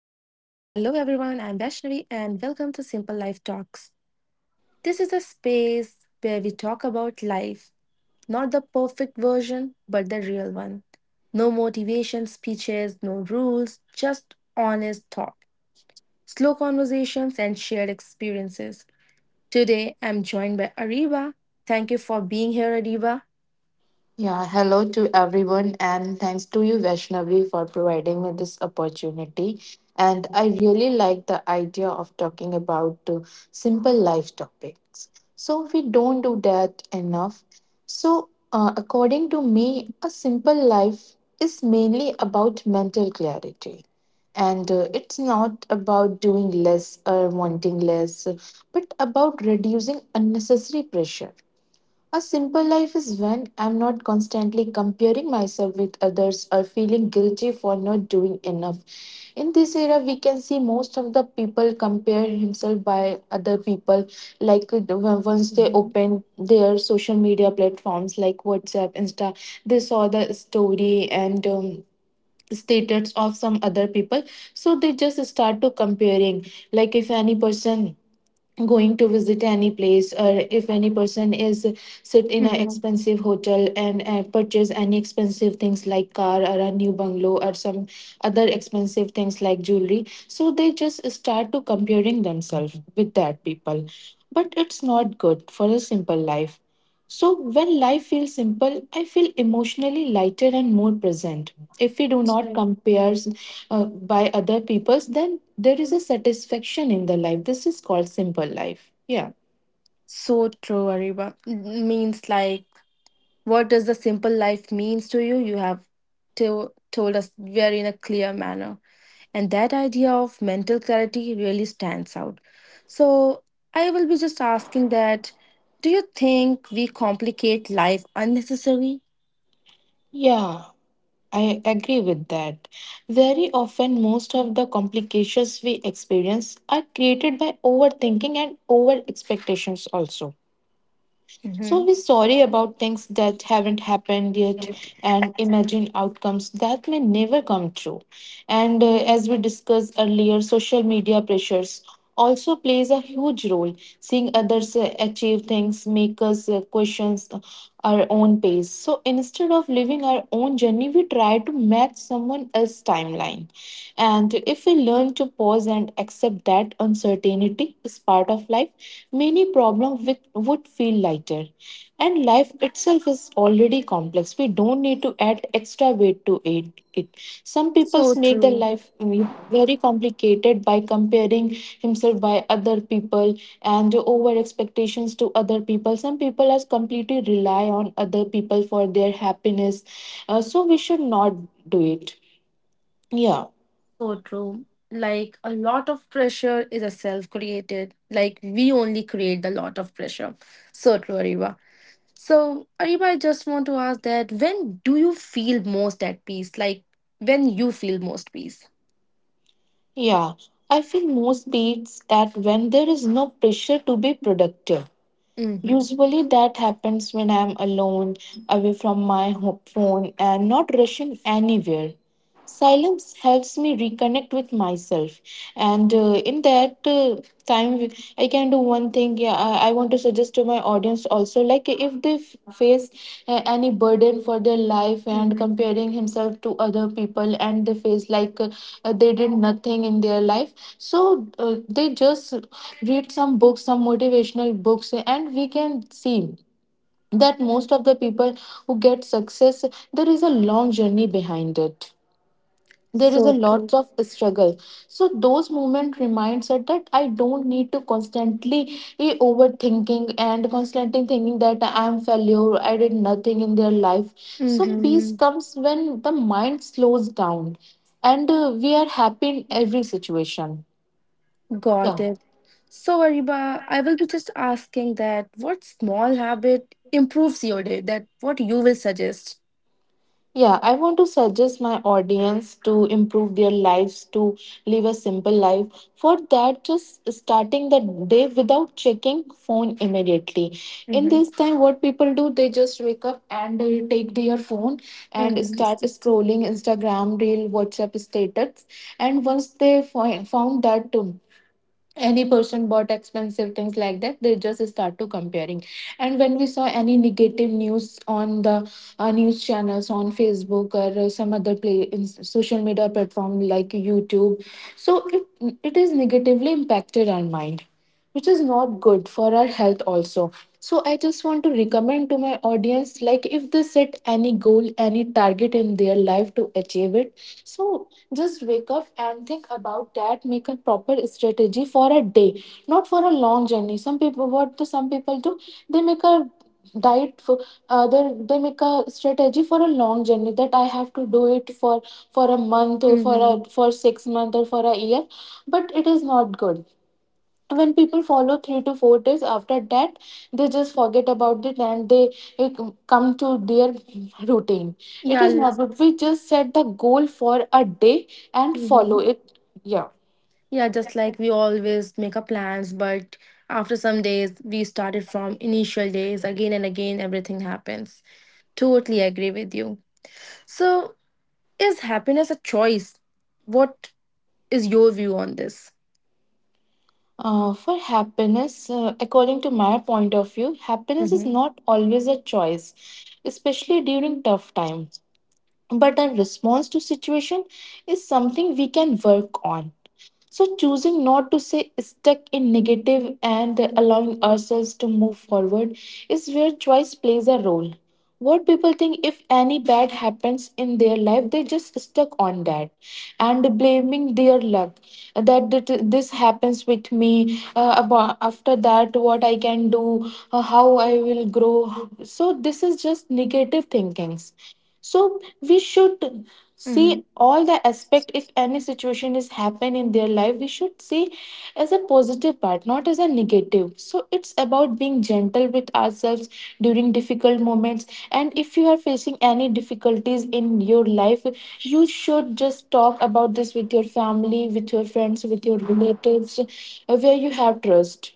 Everyone. I am Vaishnavi, and welcome to Simple Life Talks. This is a space where we talk about life, not the perfect version, but the real one. No motivation speeches, no rules, just honest thought, slow conversations, and shared experiences. Today, I'm joined by Ariba. Thank you for being here, Ariba. Yeah, hello to everyone, and thanks to you, Vaishnavi, for providing me this opportunity. And I really like the idea of talking about simple life topics. So, we don't do that enough. So, according to me, a simple life is mainly about mental clarity. And it's not about doing less or wanting less, but about reducing unnecessary pressure. A simple life is when I'm not constantly comparing myself with others or feeling guilty for not doing enough. In this era, we can see most of the people compare himself by other people. Like once they Mhm. open their social media platforms like WhatsApp, Insta, they saw the story, and status of some other people, so they just start to comparing, like if any person going to visit any place, or if any person is sit in an Mhm. expensive hotel and purchase any expensive things like car or a new bungalow or some other expensive things like jewelry, so they just start to comparing themselves with that people. But it's not good for a simple life. So when life feels simple, I feel emotionally lighter and more present. If we do not Right. compare by other people's, then there is a satisfaction in the life. This is called simple life. Yeah. So true, Ariba. Means like, what does the simple life means to you? You told us very in a clear manner, and that idea of mental clarity really stands out. So I will be just asking that: do you think we complicate life unnecessarily? Yeah, I agree with that. Very often, most of the complications we experience are created by overthinking and over expectations, also. So Hmm. we sorry about things that haven't happened yet and imagine outcomes that may never come true. And as we discussed earlier, social media pressures also plays a huge role. Seeing others achieve things make us question our own pace. So instead of living our own journey, we try to match someone else's timeline. And if we learn to pause and accept that uncertainty is part of life, many problems with, would feel lighter. And life itself is already complex. We don't need to add extra weight to it. Some people So make their true. life very complicated by comparing himself by other people and over expectations to other people. Some people has completely rely on other people for their happiness. So we should not do it. Yeah, So true. Like a lot of pressure is a self-created. Like we only create the lot of pressure. So true, Ariba. So, Ariba, I just want to ask that when do you feel most at peace? Like when you feel most peace? yeah. I feel most beats that when there is no pressure to be productive. Mm-hmm. Usually, that happens when I'm alone, away from my phone, and not rushing anywhere. Silence helps me reconnect with myself, and in that time, I can do one thing. Yeah, I want to suggest to my audience also, like if they face any burden for their life and Mm-hmm. comparing himself to other people, and they face like they did nothing in their life, so they just read some books, some motivational books, and we can see that most of the people who get success, there is a long journey behind it, there is a So true. lots of struggle. So those moment reminds us that I don't need to constantly be overthinking and constantly thinking that I am failure, I did nothing in their life. So peace Mm-hmm. comes when the mind slows down, and we are happy in every situation. Yeah. Got it. So, Ariba, I will be just asking that what small habit improves your day? That what you will suggest? Yeah, I want to suggest my audience to improve their lives, to live a simple life. For that, just starting the day without checking phone immediately. In Mm-hmm. this time, what people do, they just wake up and they take their phone and Mm-hmm. start scrolling Instagram, reel, WhatsApp status. And once they find, found that any person bought expensive things like that, they just start to comparing. And when we saw any negative news on the news channels on Facebook or some other play in social media platform like YouTube, so it is negatively impacted our mind, which is not good for our health also. So I just want to recommend to my audience, like if they set any goal, any target in their life, to achieve it, so just wake up and think about that. Make a proper strategy for a day, not for a long journey. Some people, what do some people do? They make a diet for they make a strategy for a long journey, that I have to do it for a month, or for Mm-hmm. a for 6 months, or for a year, but it is not good. When people follow 3 to 4 days, after that they just forget about it and they eh, come to their routine. It Yeah. is not good. We just set the goal for a day and Mhm. follow it. Yeah. Yeah, just like we always make our plans, but after some days, we started from initial days again and again, everything happens. Totally agree with you. So, is happiness a choice? What is your view on this? For happiness, according to my point of view, happiness is Mm-hmm. not always a choice, especially during tough times, but our response to situation is something we can work on. So choosing not to say stuck in negative and allowing ourselves to move forward is where choice plays a role. What people think, if any bad happens in their life, they just stuck on that and blaming their luck, that this happens with me. About after that, what I can do, how I will grow. So this is just negative thinkings. So we should see Mm-hmm. all the aspect. If any situation is happen in their life, we should see as a positive part, not as a negative. So it's about being gentle with ourselves during difficult moments. And if you are facing any difficulties in your life, you should just talk about this with your family, with your friends, with your relatives where you have trust,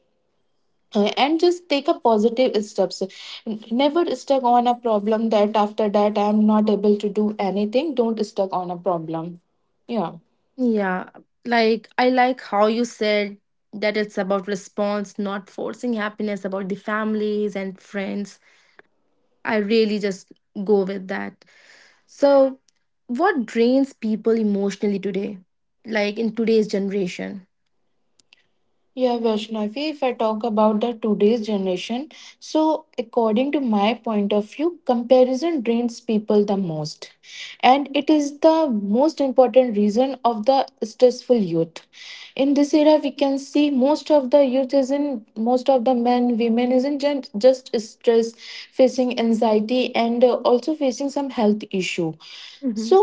and just take a positive steps. Never stuck on a problem that after that I'm not able to do anything. Don't stuck on a problem. Yeah. Yeah, like I like how you said that it's about response, not forcing happiness, about the families and friends. I really just go with that. So, what drains people emotionally today, like in today's generation? Yeah, Vaishnavi, if I talk about the today's generation, so according to my point of view, comparison drains people the most. And it is the most important reason of the stressful youth. In this era, we can see most of the youth is in, most of the men, women is in just stress, facing anxiety, and also facing some health issue. So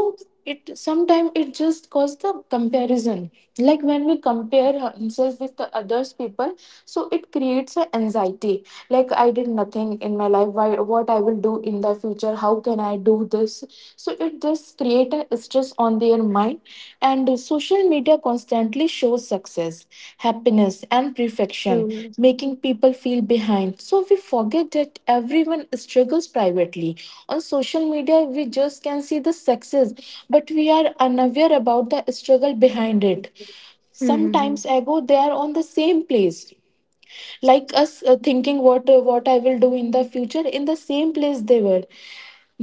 it, sometimes it just causes the comparison, like when we compare ourselves with the others people, so it creates an anxiety, like I did nothing in my life, why, what I will do in the future, how can I do this. So it just create a stress on their mind. And social media constantly shows success, happiness, and perfection, Mm-hmm. making people feel behind. So we forget that everyone struggles privately. On social media, we just can see the success, but we are unaware about the struggle behind it. Sometimes Mhm. ago, they are on the same place like us, thinking what I will do in the future. In the same place they were,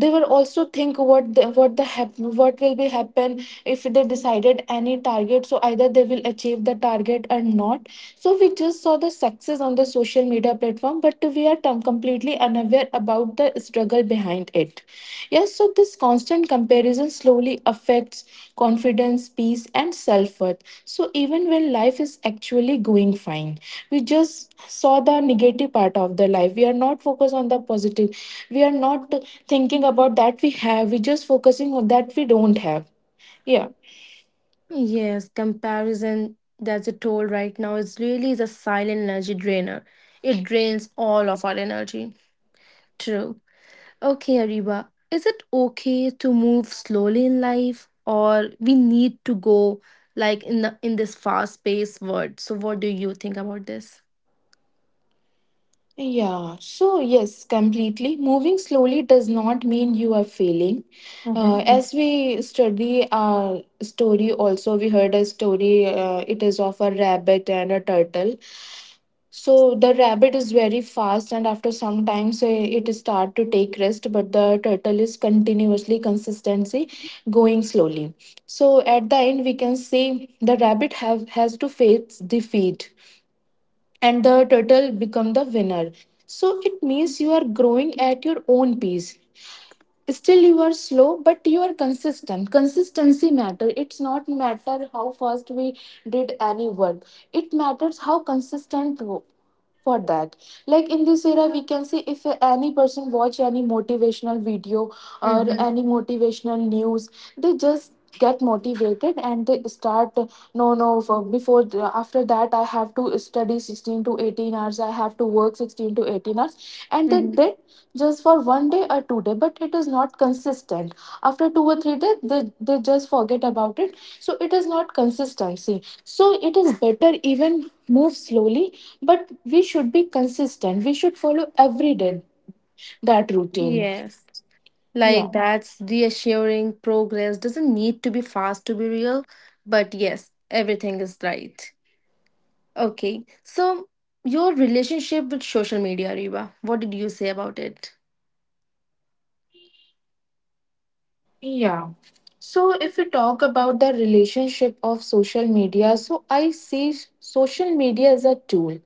they were also think what the what will be happen if they decided any target, so either they will achieve the target or not. So we just saw the success on the social media platform, but we are completely unaware about the struggle behind it. Yes, so this constant comparison slowly affects confidence, peace, and self worth. So even when life is actually going fine, we just saw the negative part of the life. We are not focused on the positive. We are not thinking about that we have. We just focusing on that we don't have. Yeah. Yes, comparison that's a toll right now. It's really is a silent energy drainer. It drains all of our energy. True. Okay, Ariba, is it okay to move slowly in life or we need to go like in this fast-paced world? So what do you think about this? Yeah, so yes, completely. Moving slowly does not mean you are failing. Mm-hmm. As we study our story, also, we heard a story, it is of a rabbit and a turtle. So the rabbit is very fast, and after some time, so it start to take rest, but the turtle is continuously, consistency going slowly. So at the end, we can say the rabbit have has to face defeat, and the turtle become the winner. So it means you are growing at your own pace. Still you are slow, but you are consistent. Consistency matter. It's not matter how fast we did any work. It matters how consistent for that. Like in this era, we can see if any person watch any motivational video or Mm-hmm. any motivational news, they just get motivated and they start. No, no. After that, I have to study 16 to 18 hours. I have to work 16 to 18 hours, and they Mm-hmm. did just for one day or two day, but it is not consistent. After two or three days, they just forget about it. So it is not consistency. So it is better even move slowly, but we should be consistent. We should follow every day that routine. Yes. Yeah. Like that's reassuring progress doesn't need to be fast to be real, but yes, everything is right. Okay, so your relationship with social media, Reba, what did you say about it? Yeah. So if we talk about the relationship of social media, so I see social media as a tool.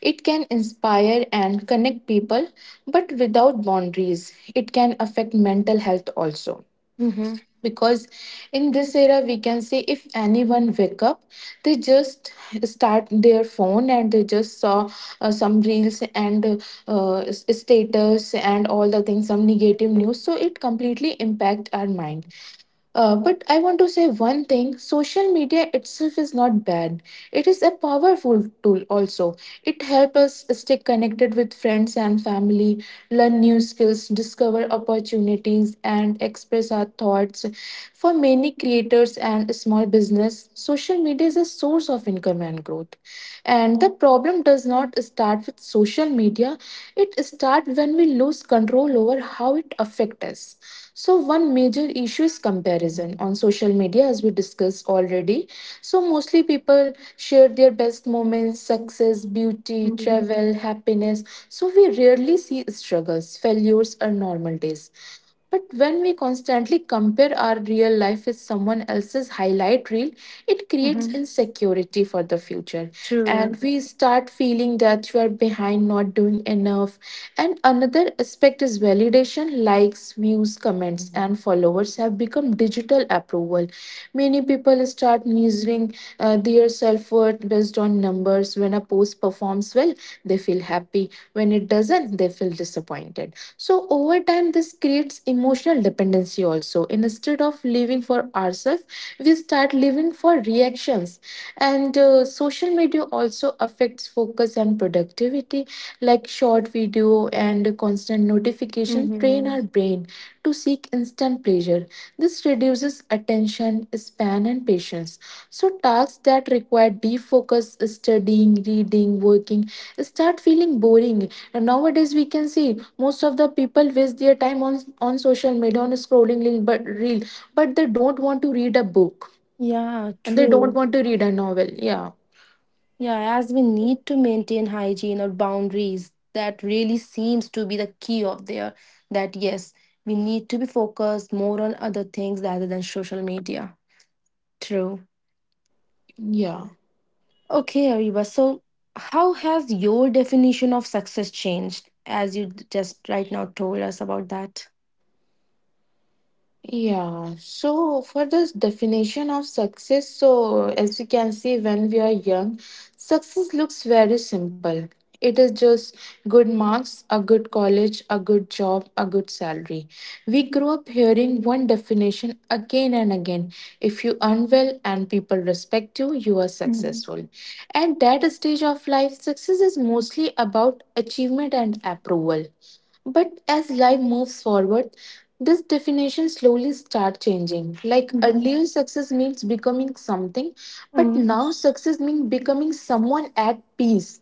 It can inspire and connect people, but without boundaries, it can affect mental health also. Mm-hmm. Because in this era, we can say if anyone wake up, they just start their phone and they just saw some reels and status and all the things, some negative news. So it completely impact our mind. But I want to say one thing, social media itself is not bad. It is a powerful tool also. It helps us stay connected with friends and family, learn new skills, discover opportunities, and express our thoughts. For many creators and small business, social media is a source of income and growth. And the problem does not start with social media, it starts when we lose control over how it affects us. So, one major issue is comparison on social media, as we discussed already. So, mostly people share their best moments, success, beauty, Mm-hmm. travel, happiness. So, we rarely see struggles, failures, or normal days. But when we constantly compare our real life with someone else's highlight reel, it creates Mm-hmm. insecurity for the future. And True. we start feeling that you are behind, not doing enough. And another aspect is validation. Likes, views, comments, and followers have become digital approval. Many people start measuring their self worth based on numbers. When a post performs well, they feel happy. When it doesn't, they feel disappointed. So over time, this creates emotional dependency also. Instead of living for ourselves, we start living for reactions. And social media also affects focus and productivity, like short video and constant notifications train Mm-hmm. our brain to seek instant pleasure. This reduces attention span and patience. So, tasks that require deep focus, studying, reading, working, start feeling boring. And nowadays, we can see most of the people waste their time on social media, on scrolling reel, but they don't want to read a book Yeah, and they don't true. want to read a novel. Yeah. Yeah, as we need to maintain hygiene or boundaries, that really seems to be the key of there. That yes, we need to be focused more on other things rather than social media. True. Yeah. Okay, Ariba. So, how has your definition of success changed as you just right now told us about that? Yeah, so for this definition of success, so as we can see, when we are young, success looks very simple. It is just good marks, a good college, a good job, a good salary. We grow up hearing one definition again and again. If you earn well and people respect you, you are Mm-hmm. successful. At that stage of life, success is mostly about achievement and approval. But as life moves forward, this definition slowly start changing. Like Mm-hmm. earlier, success means becoming something, but now success means becoming someone at peace.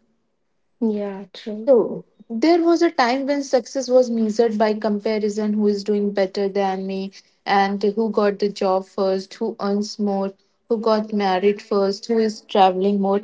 Yeah, true. So, there was a time when success was measured by comparison: who is doing better than me, and who got the job first, who earns more, who got married first, who is traveling more.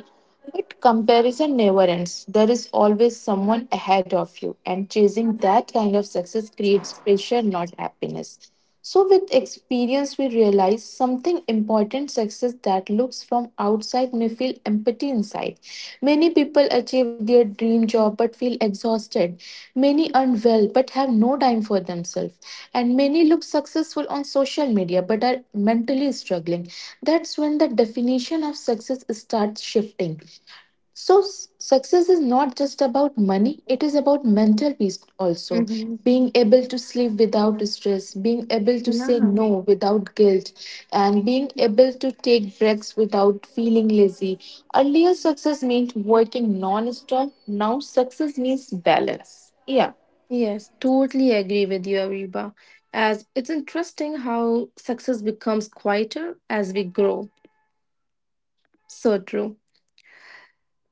But comparison never ends. There is always someone ahead of you, and chasing that kind of success creates pressure, not happiness. So, with experience, we realize something important: success that looks from outside may feel empty inside. Many people achieve their dream job but feel exhausted. Many earn well but have no time for themselves. And many look successful on social media but are mentally struggling. That's when the definition of success starts shifting. So, success is not just about money, it is about mental peace also. Mm-hmm. Being able to sleep without stress, being able to say Yeah. no without guilt, and being able to take breaks without feeling lazy. Earlier, success meant working non stop, now, success means balance. Yeah. Yes, totally agree with you, Ariba. As it's interesting how success becomes quieter as we grow. So true.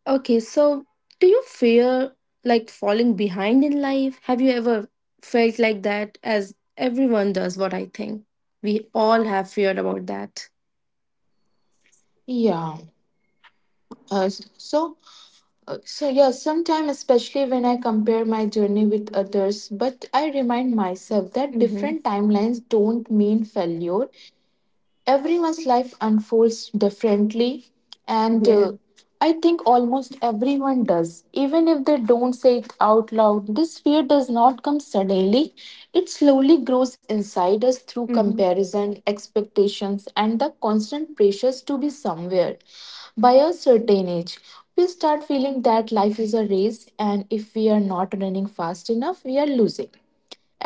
Okay, so do you fear like falling behind in life? Have you ever felt like that? As everyone does, what I think. We all have feared about that. Yeah. Uh, s- so, so yeah, sometimes, especially when I compare my journey with others, but I remind myself that Mm-hmm. different timelines don't mean failure. Everyone's life unfolds differently, and Yeah. I think almost everyone does, even if they don't say it out loud. This fear does not come suddenly, it slowly grows inside us through Mm-hmm. comparison, expectations and the constant pressures to be somewhere by a certain age. We start feeling that life is a race, and if we are not running fast enough, we are losing.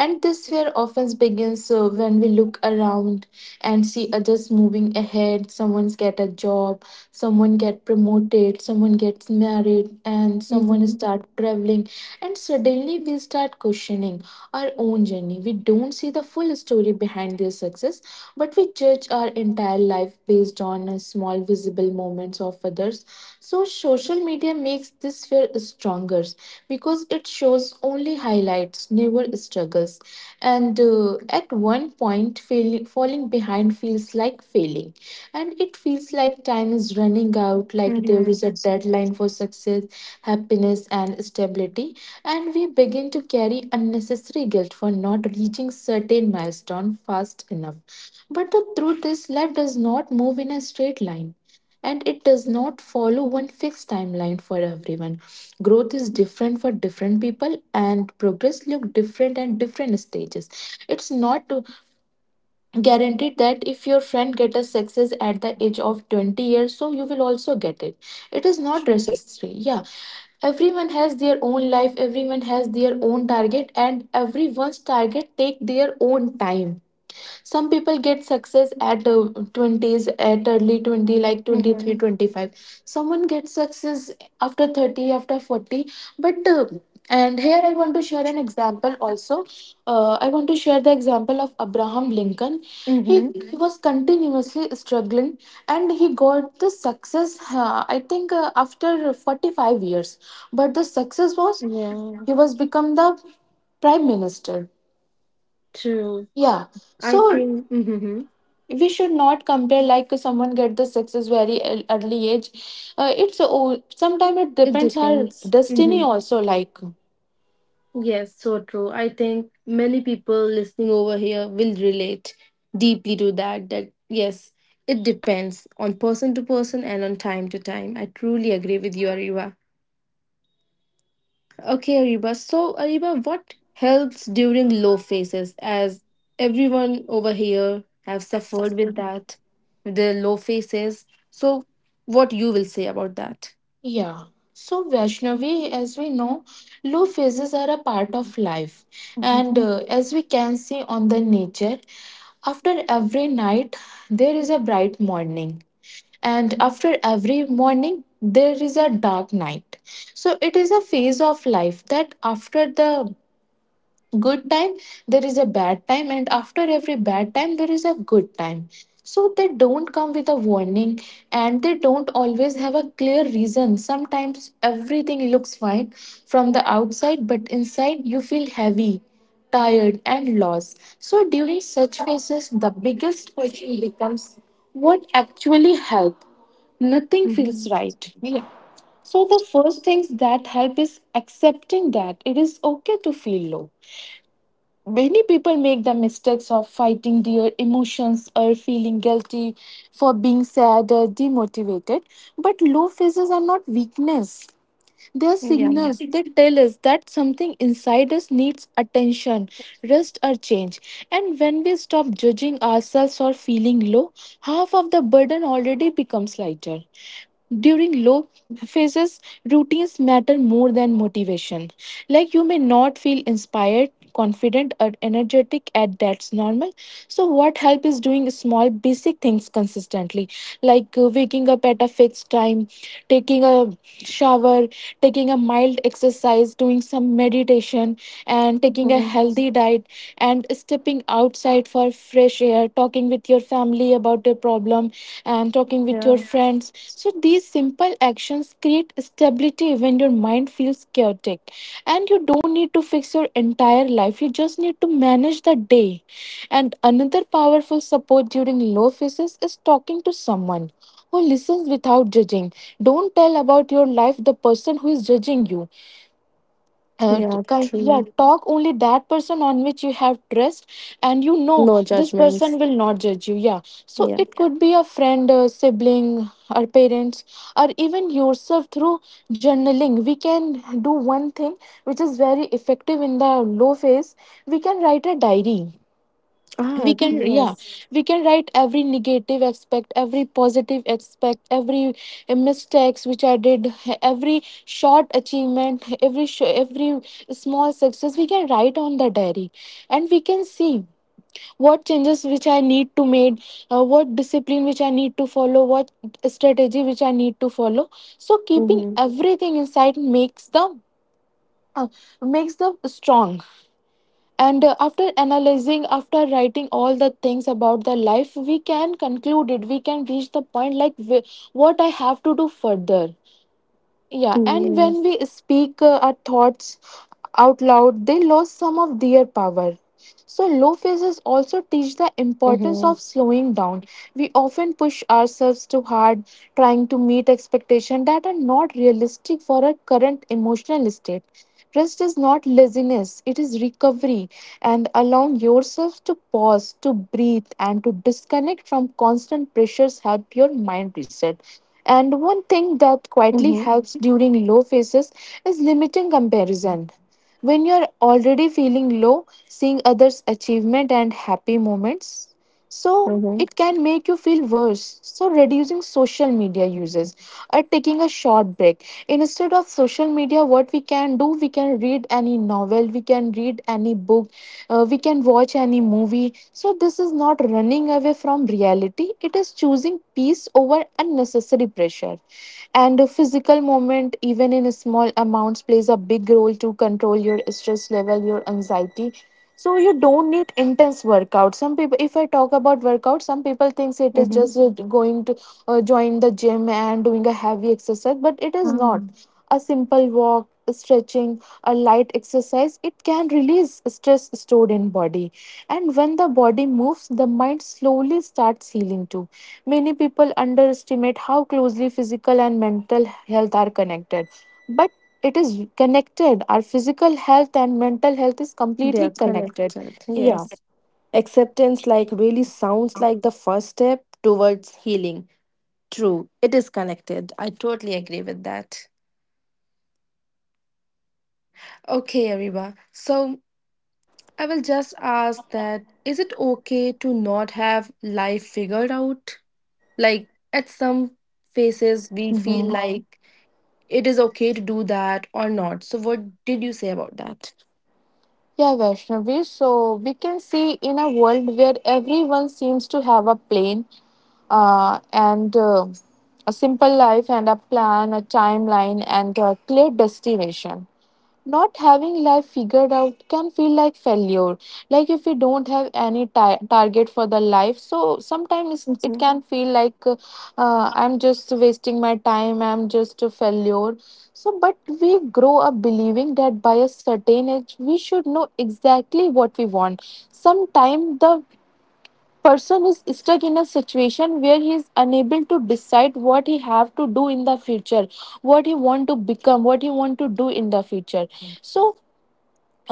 And this fear often begins when we look around and see others moving ahead. Someone's get a job, someone get promoted, someone gets married, and someone Mm-hmm. start traveling. And suddenly we start questioning our own journey. We don't see the full story behind their success, but we judge our entire life based on small visible moments of others. So, social media makes this fear stronger because it shows only highlights, never struggles. And at one point, falling behind feels like failing, and it feels like time is running out, like there is Mm-hmm. a deadline for success, happiness and stability. And we begin to carry unnecessary guilt for not reaching certain milestone fast enough. But the truth is, life does not move in a straight line, and it does not follow one fixed timeline for everyone. Growth is different for different people, and progress look different at different stages. It's not guaranteed that if your friend get a success at the age of 20 years, so you will also get it. It is not True. necessary. Yeah. Everyone has their own life, everyone has their own target, and everyone's target take their own time. Some people get success at 20s, at early 20, like 23, Mm-hmm. 25. Someone gets success after 30, after 40, but and here I want to share an example also. I want to share the example of Abraham Lincoln. He, Mm-hmm. he was continuously struggling, and he got the success, I think, after 45 years. But the success was, Yeah. he was become the prime minister. True. Yeah. I So think. Mm-hmm. we should not compare, like someone get the success very early age. It's, oh, sometimes it It depends our depends. destiny Mm-hmm. also, like. Yes, so true. I think many people listening over here will relate deeply to that. That, yes, it depends on person to person and on time to time. I truly agree with you, Ariba. Okay, Ariba. So, Ariba, what helps during low phases? As everyone over here have suffered with that, with the low phases. So, what you will say about that? Yeah. So, Vaishnavi, as we know, low phases are a part of life. And Mhm. As we can see on the nature, after every night, there is a bright morning. And after every morning, there is a dark night. So, it is a phase of life that after the good time there is a bad time, and after every bad time there is a good time. So they don't come with a warning, and they don't always have a clear reason. Sometimes everything looks fine from the outside but inside you feel heavy, tired and lost. So during such phases the biggest question becomes, what actually helped? Nothing feels Mhm. right. Yeah. So the first things that help is accepting that it is okay to feel low. Many people make the mistakes of fighting their emotions or feeling guilty for being sad or demotivated. But low phases are not weakness. They are Yeah. signals that tell us that something inside us needs attention, rest, or change. And when we stop judging ourselves for feeling low, half of the burden already becomes lighter. During low phases, routines matter more than motivation. Like you may not feel inspired, confident or energetic at that's normal. So what help is doing small basic things consistently, like waking up at a fixed time, taking a shower, taking a mild exercise, doing some meditation, and taking a Mhm. healthy diet, and stepping outside for fresh air, talking with your family about your problem income, and talking with your Yeah. friends. So these simple actions create stability when your mind feels chaotic. And you don't need to fix your entire life. You just need to manage the day. And another powerful support during low phases is talking to someone who listens without judging. Don't tell about your life the person who is judging you. uh, Yeah, yeah, true. talk only that person on which you have trust and you know No this person judgments. will not judge you. Yeah. So Yeah. it could be a friend, a sibling or parents, or even yourself through journaling. We can do one thing which is very effective in the low phase, we can write a diary. We Ah, can, yeah, yes. we can write every negative aspect, every positive aspect, every mistakes which I did, every short achievement, every every small success we can write on the diary. And we can see what changes which I need to make, what discipline which I need to follow, what strategy which I need to follow. So keeping Mm-hmm. everything inside uh, makes the strong. And after analyzing, after writing all the things about the life, we can conclude it. We can reach the point like what I have to do further. Yeah, and when Yes. we speak our thoughts out loud, they lose some of their power. So, low phases also teach the importance Mm-hmm. of slowing down. We often push ourselves too hard, trying to meet expectations that are not realistic for our current emotional state. Rest is not laziness, it is recovery, and allowing yourself to pause, to breathe, and to disconnect from constant pressures help your mind reset. And one thing that quietly Mm-hmm. helps during low phases is limiting comparison. When you are already feeling low, seeing others' achievement and happy moments, so Mm-hmm. it can make you feel worse. So reducing social media uses or taking a short break instead of social media, what we can do, we can read any novel, we can read any book, we can watch any movie. So this is not running away from reality, it is choosing peace over unnecessary pressure. And a physical movement, even in small amounts, plays a big role to control your stress level, your anxiety. So you don't need intense workout. Some people, if I talk about workout, some people thinks it is Mm-hmm. just going to join the gym and doing a heavy exercise, but it is not. Ah, A simple walk, stretching, a light exercise, it can release stress stored in body. And when the body moves, the mind slowly starts healing too. Many people underestimate how closely physical and mental health are connected. But it is connected. Our physical health and mental health is they completely are connected. connected. Yeah. Yes. Acceptance, like, really sounds like the first step towards healing. True, it is connected. I totally agree with that. Okay, Ariba. So I will just ask that is it okay to not have life figured out? Like, at some phases, we feel Hmm. like it is okay to do that or not. So, what did you say about that? Yeah, Vaishnavi. So we can see in a world where everyone seems to have a plan, and a simple life and a plan, a timeline, and a clear destination, not having life figured out can feel like failure, like if we don't have any target for the life. So sometimes it Mm-hmm. can feel like, I'm just wasting my time, I'm just a failure. So but we grow up believing that by a certain age we should know exactly what we want. Sometimes the person is stuck in a situation where he is unable to decide what he have to do in the future, what he want to become, what he want to do in the future. So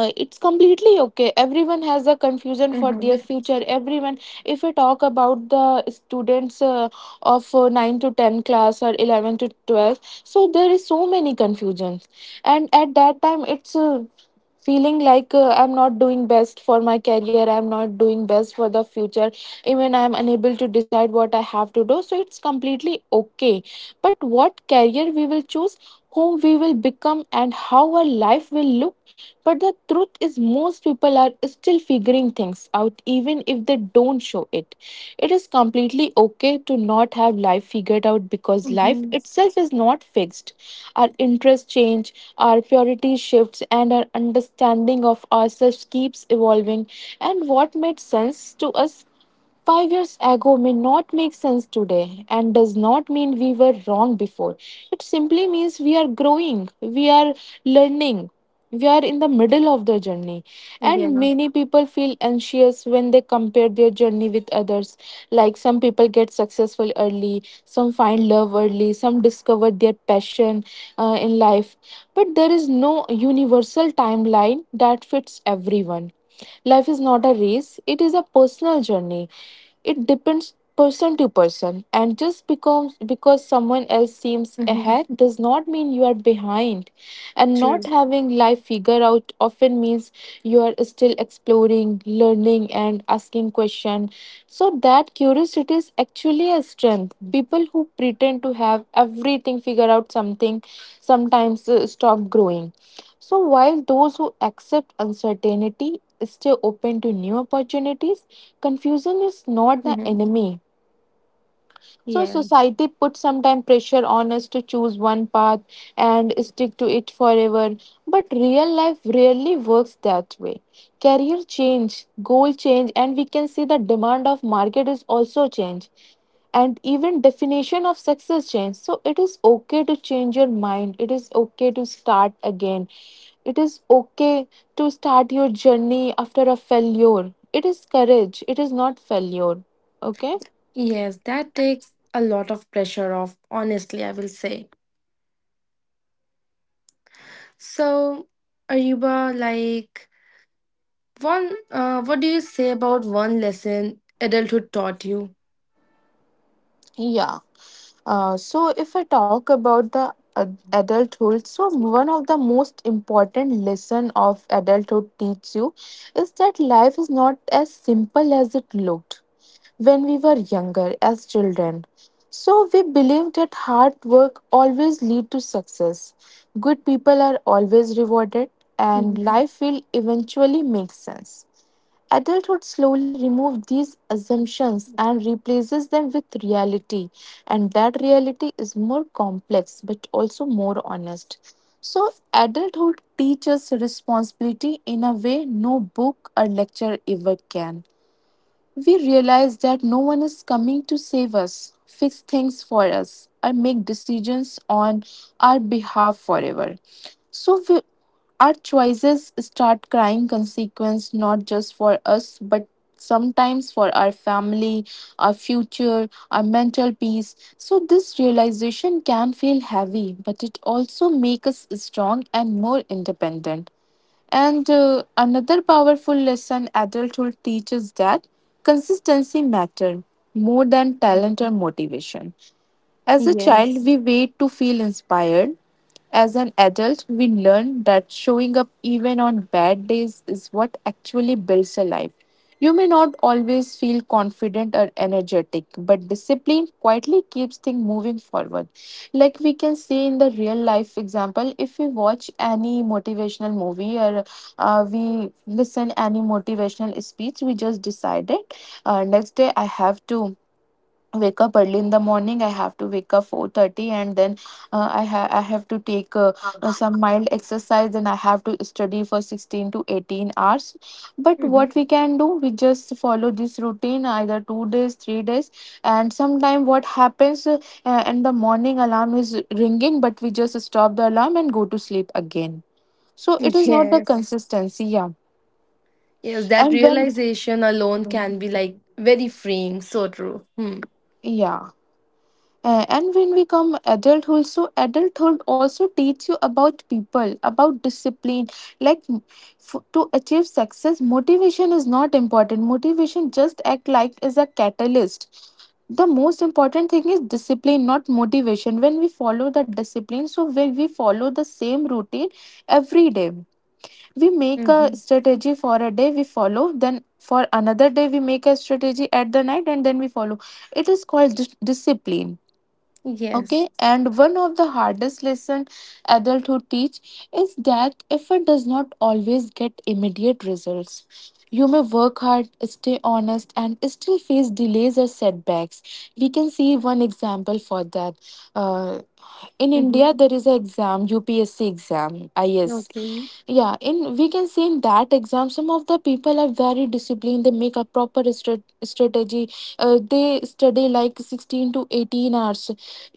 it's completely okay, everyone has a confusion for their Mm-hmm. future, everyone. If we talk about the students, of 9 to 10 class or 11 to 12, so there is so many confusions, and at that time it's, feeling like, I'm not doing best for my career, I'm not doing best for the future, even I'm unable to decide what I have to do. So it's completely okay, but what career we will choose, whom we will become, and how our life will look. But the truth is, most people are still figuring things out even if they don't show it. It is completely okay to not have life figured out because life Mm-hmm. itself is not fixed. Our interests change, our priorities shifts, and our understanding of ourselves keeps evolving. And what made sense to us 5 years ago may not make sense today, and does not mean we were wrong before. It simply means we are growing, we are learning, we are in the middle of the journey. And Yeah. many people feel anxious when they compare their journey with others. Like some people get successful early, some find love early, some discover their passion in life. But there is no universal timeline that fits everyone. Life is not a race, it is a personal journey. It depends person to person, and just becomes because someone else seems Mm-hmm. ahead does not mean you are behind. And not True. having life figured out often means you are still exploring, learning, and asking questions. So that curiosity is actually a strength. People who pretend to have everything figured out something sometimes stop growing, so while those who accept uncertainty stay open to new opportunities. Confusion is not the Mm-hmm. enemy. So Yeah. society puts sometimes pressure on us to choose one path and stick to it forever. But real life rarely works that way. Career change, goal change, and we can see the demand of market is also change, and even definition of success change. So it is okay to change your mind, it is okay to start again, it is okay to start your journey after a failure. It is courage, it is not failure. Okay. Yes, that takes a lot of pressure off, honestly, I will say. So, Ariba, like, one, what do you say about one lesson adulthood taught you? Yeah. So, if I talk about the adulthood, so one of the most important lesson of adulthood teach you is that life is not as simple as it looked when we were younger as children. So we believed that hard work always lead to success. Good people are always rewarded, and Mm-hmm. life will eventually make sense. Adulthood slowly removes these assumptions and replaces them with reality, and that reality is more complex but also more honest. So, adulthood teaches responsibility in a way no book or lecture ever can. We realize that no one is coming to save us, fix things for us, or make decisions on our behalf forever. So we, our choices start crying consequence, not just for us but sometimes for our family, our future, our mental peace. So this realization can feel heavy, but it also makes us strong and more independent. And another powerful lesson adulthood teaches that consistency matters more than talent or motivation. As a child, Yes. we wait to feel inspired. As an adult, we learn that showing up even on bad days is what actually builds a life. You may not always feel confident or energetic, but discipline quietly keeps things moving forward. Like we can see in the real life example, if we watch any motivational movie or, we listen any motivational speech, we just decided, next day I have to wake up early in the morning, I have to wake up 4:30, and then I have to take some mild exercise, and I have to study for 16 to 18 hours. But Mm-hmm. what we can do, we just follow this routine either 2 days 3 days. And sometime what happens, and the morning alarm is ringing, but we just stop the alarm and go to sleep again. So it is not the Yes. consistency. Yeah. Yes, that And when, realization alone can be like very freeing. So true. Hmm. yeah. And when we come adulthood, so adulthood also teach you about people, about discipline. Like, to achieve success, motivation is not important. Motivation just act like is a catalyst. The most important thing is discipline, not motivation. When we follow the discipline, so when we follow the same routine every day, we make a Mm-hmm. strategy for a day we follow. Then for another day we make a strategy at the night and then we follow. It is called discipline. Okay. Yes. And one of the hardest lesson adulthood teach is that effort does not always get immediate results. You may work hard, stay honest, and still face delays or setbacks. We can see one example for that. uh, in india Mm-hmm. there is an exam, upsc exam, IAS. Okay. Yeah, in, we can see in that exam some of the people are very disciplined, they make a proper strategy, they study like 16 to 18 hours,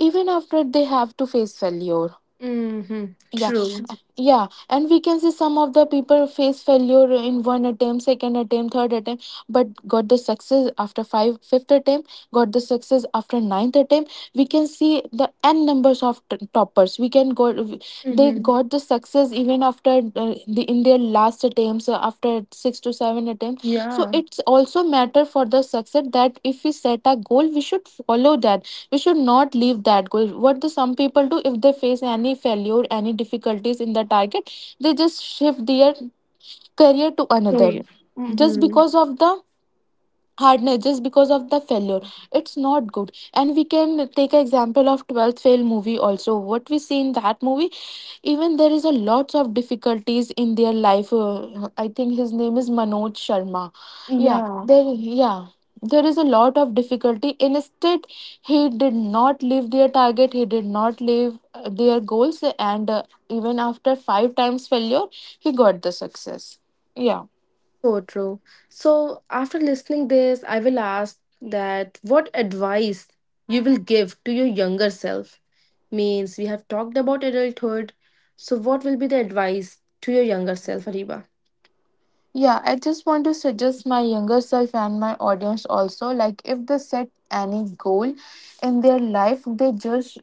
even after they have to face failure. Mm-hmm. Yeah. True. Yeah, and we can see some of the people face failure in one attempt, second attempt, third attempt, but got the success after five, fifth attempt, got the success after ninth attempt. We can see the n numbers of toppers we can go. They Mm-hmm. got the success even after, the in their last attempts, after six to seven attempts. So Yeah. it's also matter for the success that if we set a goal we should follow that, we should not leave that goal. What do some people do? If they face any failure, any difficulties in the target, they just shift their career to another, Sorry. just Mm-hmm. because of the hardness, just because of the failure, it's not good. And we can take an example of 12th fail movie also. What we see in that movie, even there is a lots of difficulties in their life, I think his name is manoj sharma. Yeah, Yeah. there, yeah, there is a lot of difficulty, instead he did not leave their target, he did not leave their goals. And even after five times failure, he got the success. Yeah. So true. So after listening this, I will ask that what advice you will give to your younger self? Means we have talked about adulthood. So what will be the advice to your younger self, Ariba? Yeah, I just want to suggest my younger self and my audience also, like if they set any goal in their life, they just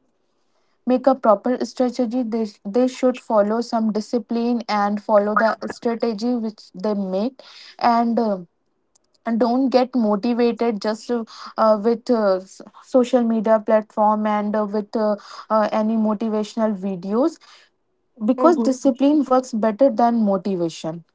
make a proper strategy. They, they should follow some discipline and follow the strategy which they make, and uh, and don't get motivated just, social media platform, and with any motivational videos, because discipline works better than motivation.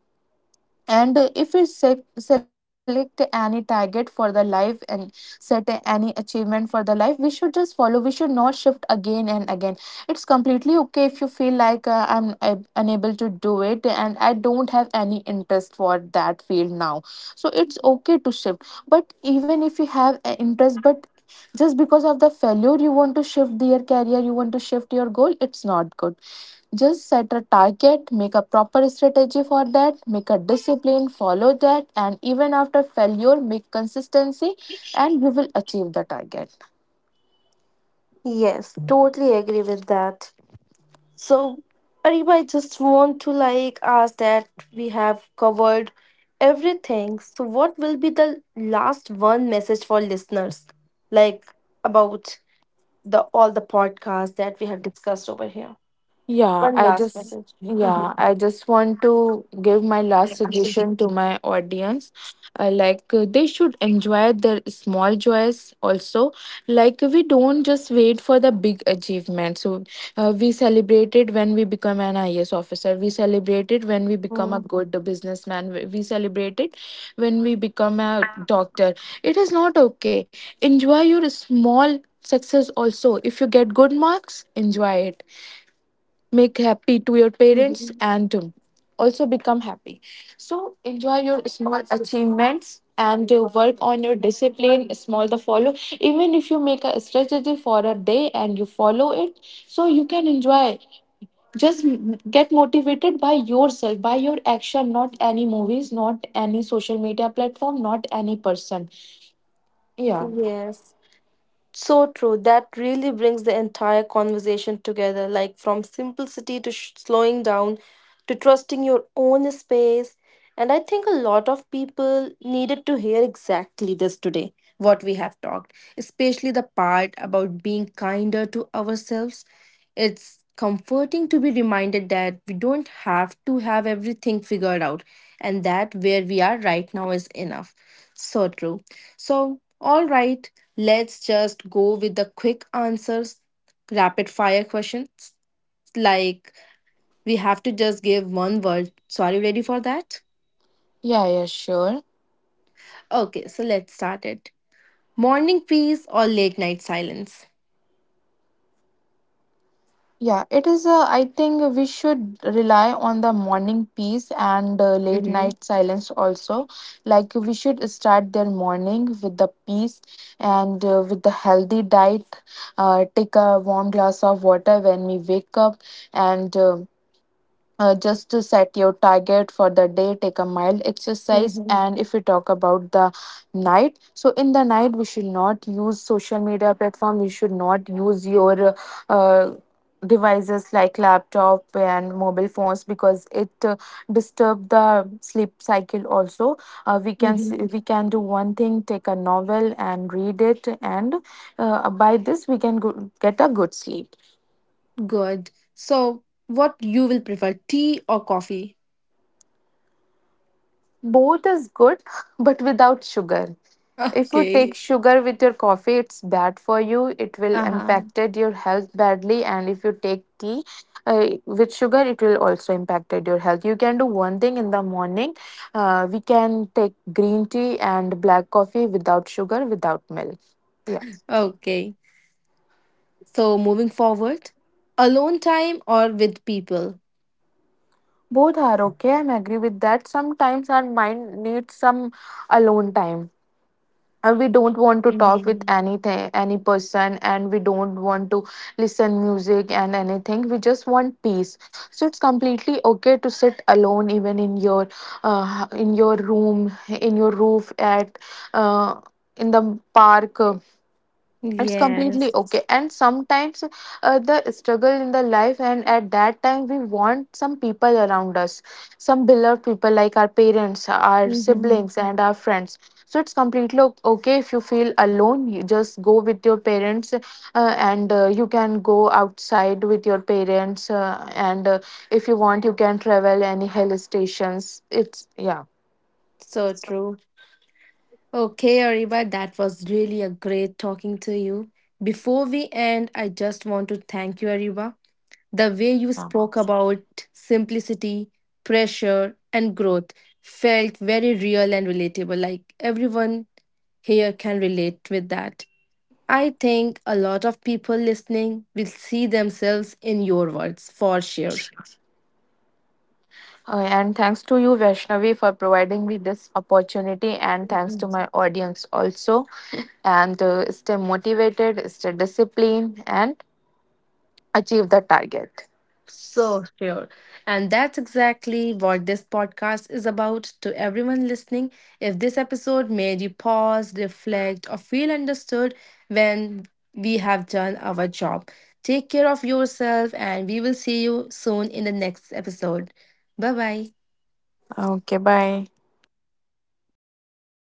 And if we select any target for the life and set any achievement for the life, we should just follow. We should not shift again and again. It's completely okay if you feel like, I'm unable to do it and I don't have any interest for that field now. So it's okay to shift. But even if you have an interest, but just because of the failure you want to shift your career, you want to shift your goal, it's not good. Just set a target, make a proper strategy for that, make a discipline, follow that, and even after failure make consistency, and you will achieve the target. Yes, totally agree with that. So, Ariba, I just want to like ask that we have covered everything. So, what will be the last one message for listeners, like about the all the podcasts that we have discussed over here? One last message. Mm-hmm. Yeah, I just want to give my last suggestion to my audience. Like, they should enjoy their small joys also. Like, we don't just wait for the big achievements. So we celebrate it when we become an IAS officer. We celebrate it when we become a good businessman. We celebrate it when we become a doctor. It is not okay. Enjoy your small success also. If you get good marks, enjoy it, make happy to your parents, Mm-hmm. and also become happy. So enjoy your small achievements, and work on your discipline, small the follow, even if you make a strategy for a day and you follow it, so you can enjoy. Just get motivated by yourself, by your action, not any movies, not any social media platform, not any person. Yeah. Yes. So true. That really brings the entire conversation together, like from simplicity to slowing down to trusting your own space. And I think a lot of people needed to hear exactly this today, what we have talked, especially the part about being kinder to ourselves. It's comforting to be reminded that we don't have to have everything figured out and that where we are right now is enough. So true. So, all right, let's just go with the quick answers, rapid fire questions. Like, we have to just give one word. So, are you ready for that? Yeah, yeah, sure. Okay, so let's start it. Morning peace or late night silence? Yeah, it is. I think we should rely on the morning peace, and late Mm-hmm. night silence also. Like, we should start their morning with the peace, and with the healthy diet. Take a warm glass of water when we wake up, and just to set your target for the day, take a mild exercise. Mm-hmm. And if we talk about the night, so in the night we should not use social media platform, you should not use your uh, devices like laptop and mobile phones, because it disturb the sleep cycle also. Mm-hmm. We can do one thing, take a novel and read it, and by this we can go, get a good sleep. Good. So, what you will prefer, tea or coffee? Both is good, but without sugar. If you Okay. take sugar with your coffee, it's bad for you. It will Uh-huh. impacted your health badly, and if you take tea with sugar, it will also impacted your health. You can do one thing in the morning. We can take green tea and black coffee without sugar, without milk. Yeah, Okay. So moving forward, alone time or with people? both are okay. I'm agree with that. Sometimes our mind needs some alone time, and we don't want to talk with Mm-hmm. anything any person, and we don't want to listen music and anything, we just want peace. So it's completely okay to sit alone, even in your room, in your roof, at uh, in the park, it's completely Yes. okay. And sometimes the struggle in the life, and at that time we want some people around us, some beloved people like our parents, our Mm-hmm. siblings, and our friends. So it's completely okay, if you feel alone you just go with your parents, and you can go outside with your parents, and if you want you can travel any hill stations, it's, yeah. So So, true. Okay, Ariba, that was really a great talking to you. Before we end, I just want to thank you, Ariba. The way you yeah. spoke about simplicity, pressure, and growth felt very real and relatable. Like everyone here can relate with that. I think a lot of people listening will see themselves in your words for sure. And thanks to you, Vaishnavi, for providing me this opportunity, and thanks to Mhm. my audience also. And stay motivated, stay disciplined, and achieve the target. So sure. And that's exactly what this podcast is about to everyone listening. If this episode made you pause, reflect, or feel understood when we have done our job, take care of yourself and we will see you soon in the next episode. Bye bye. Okay, bye.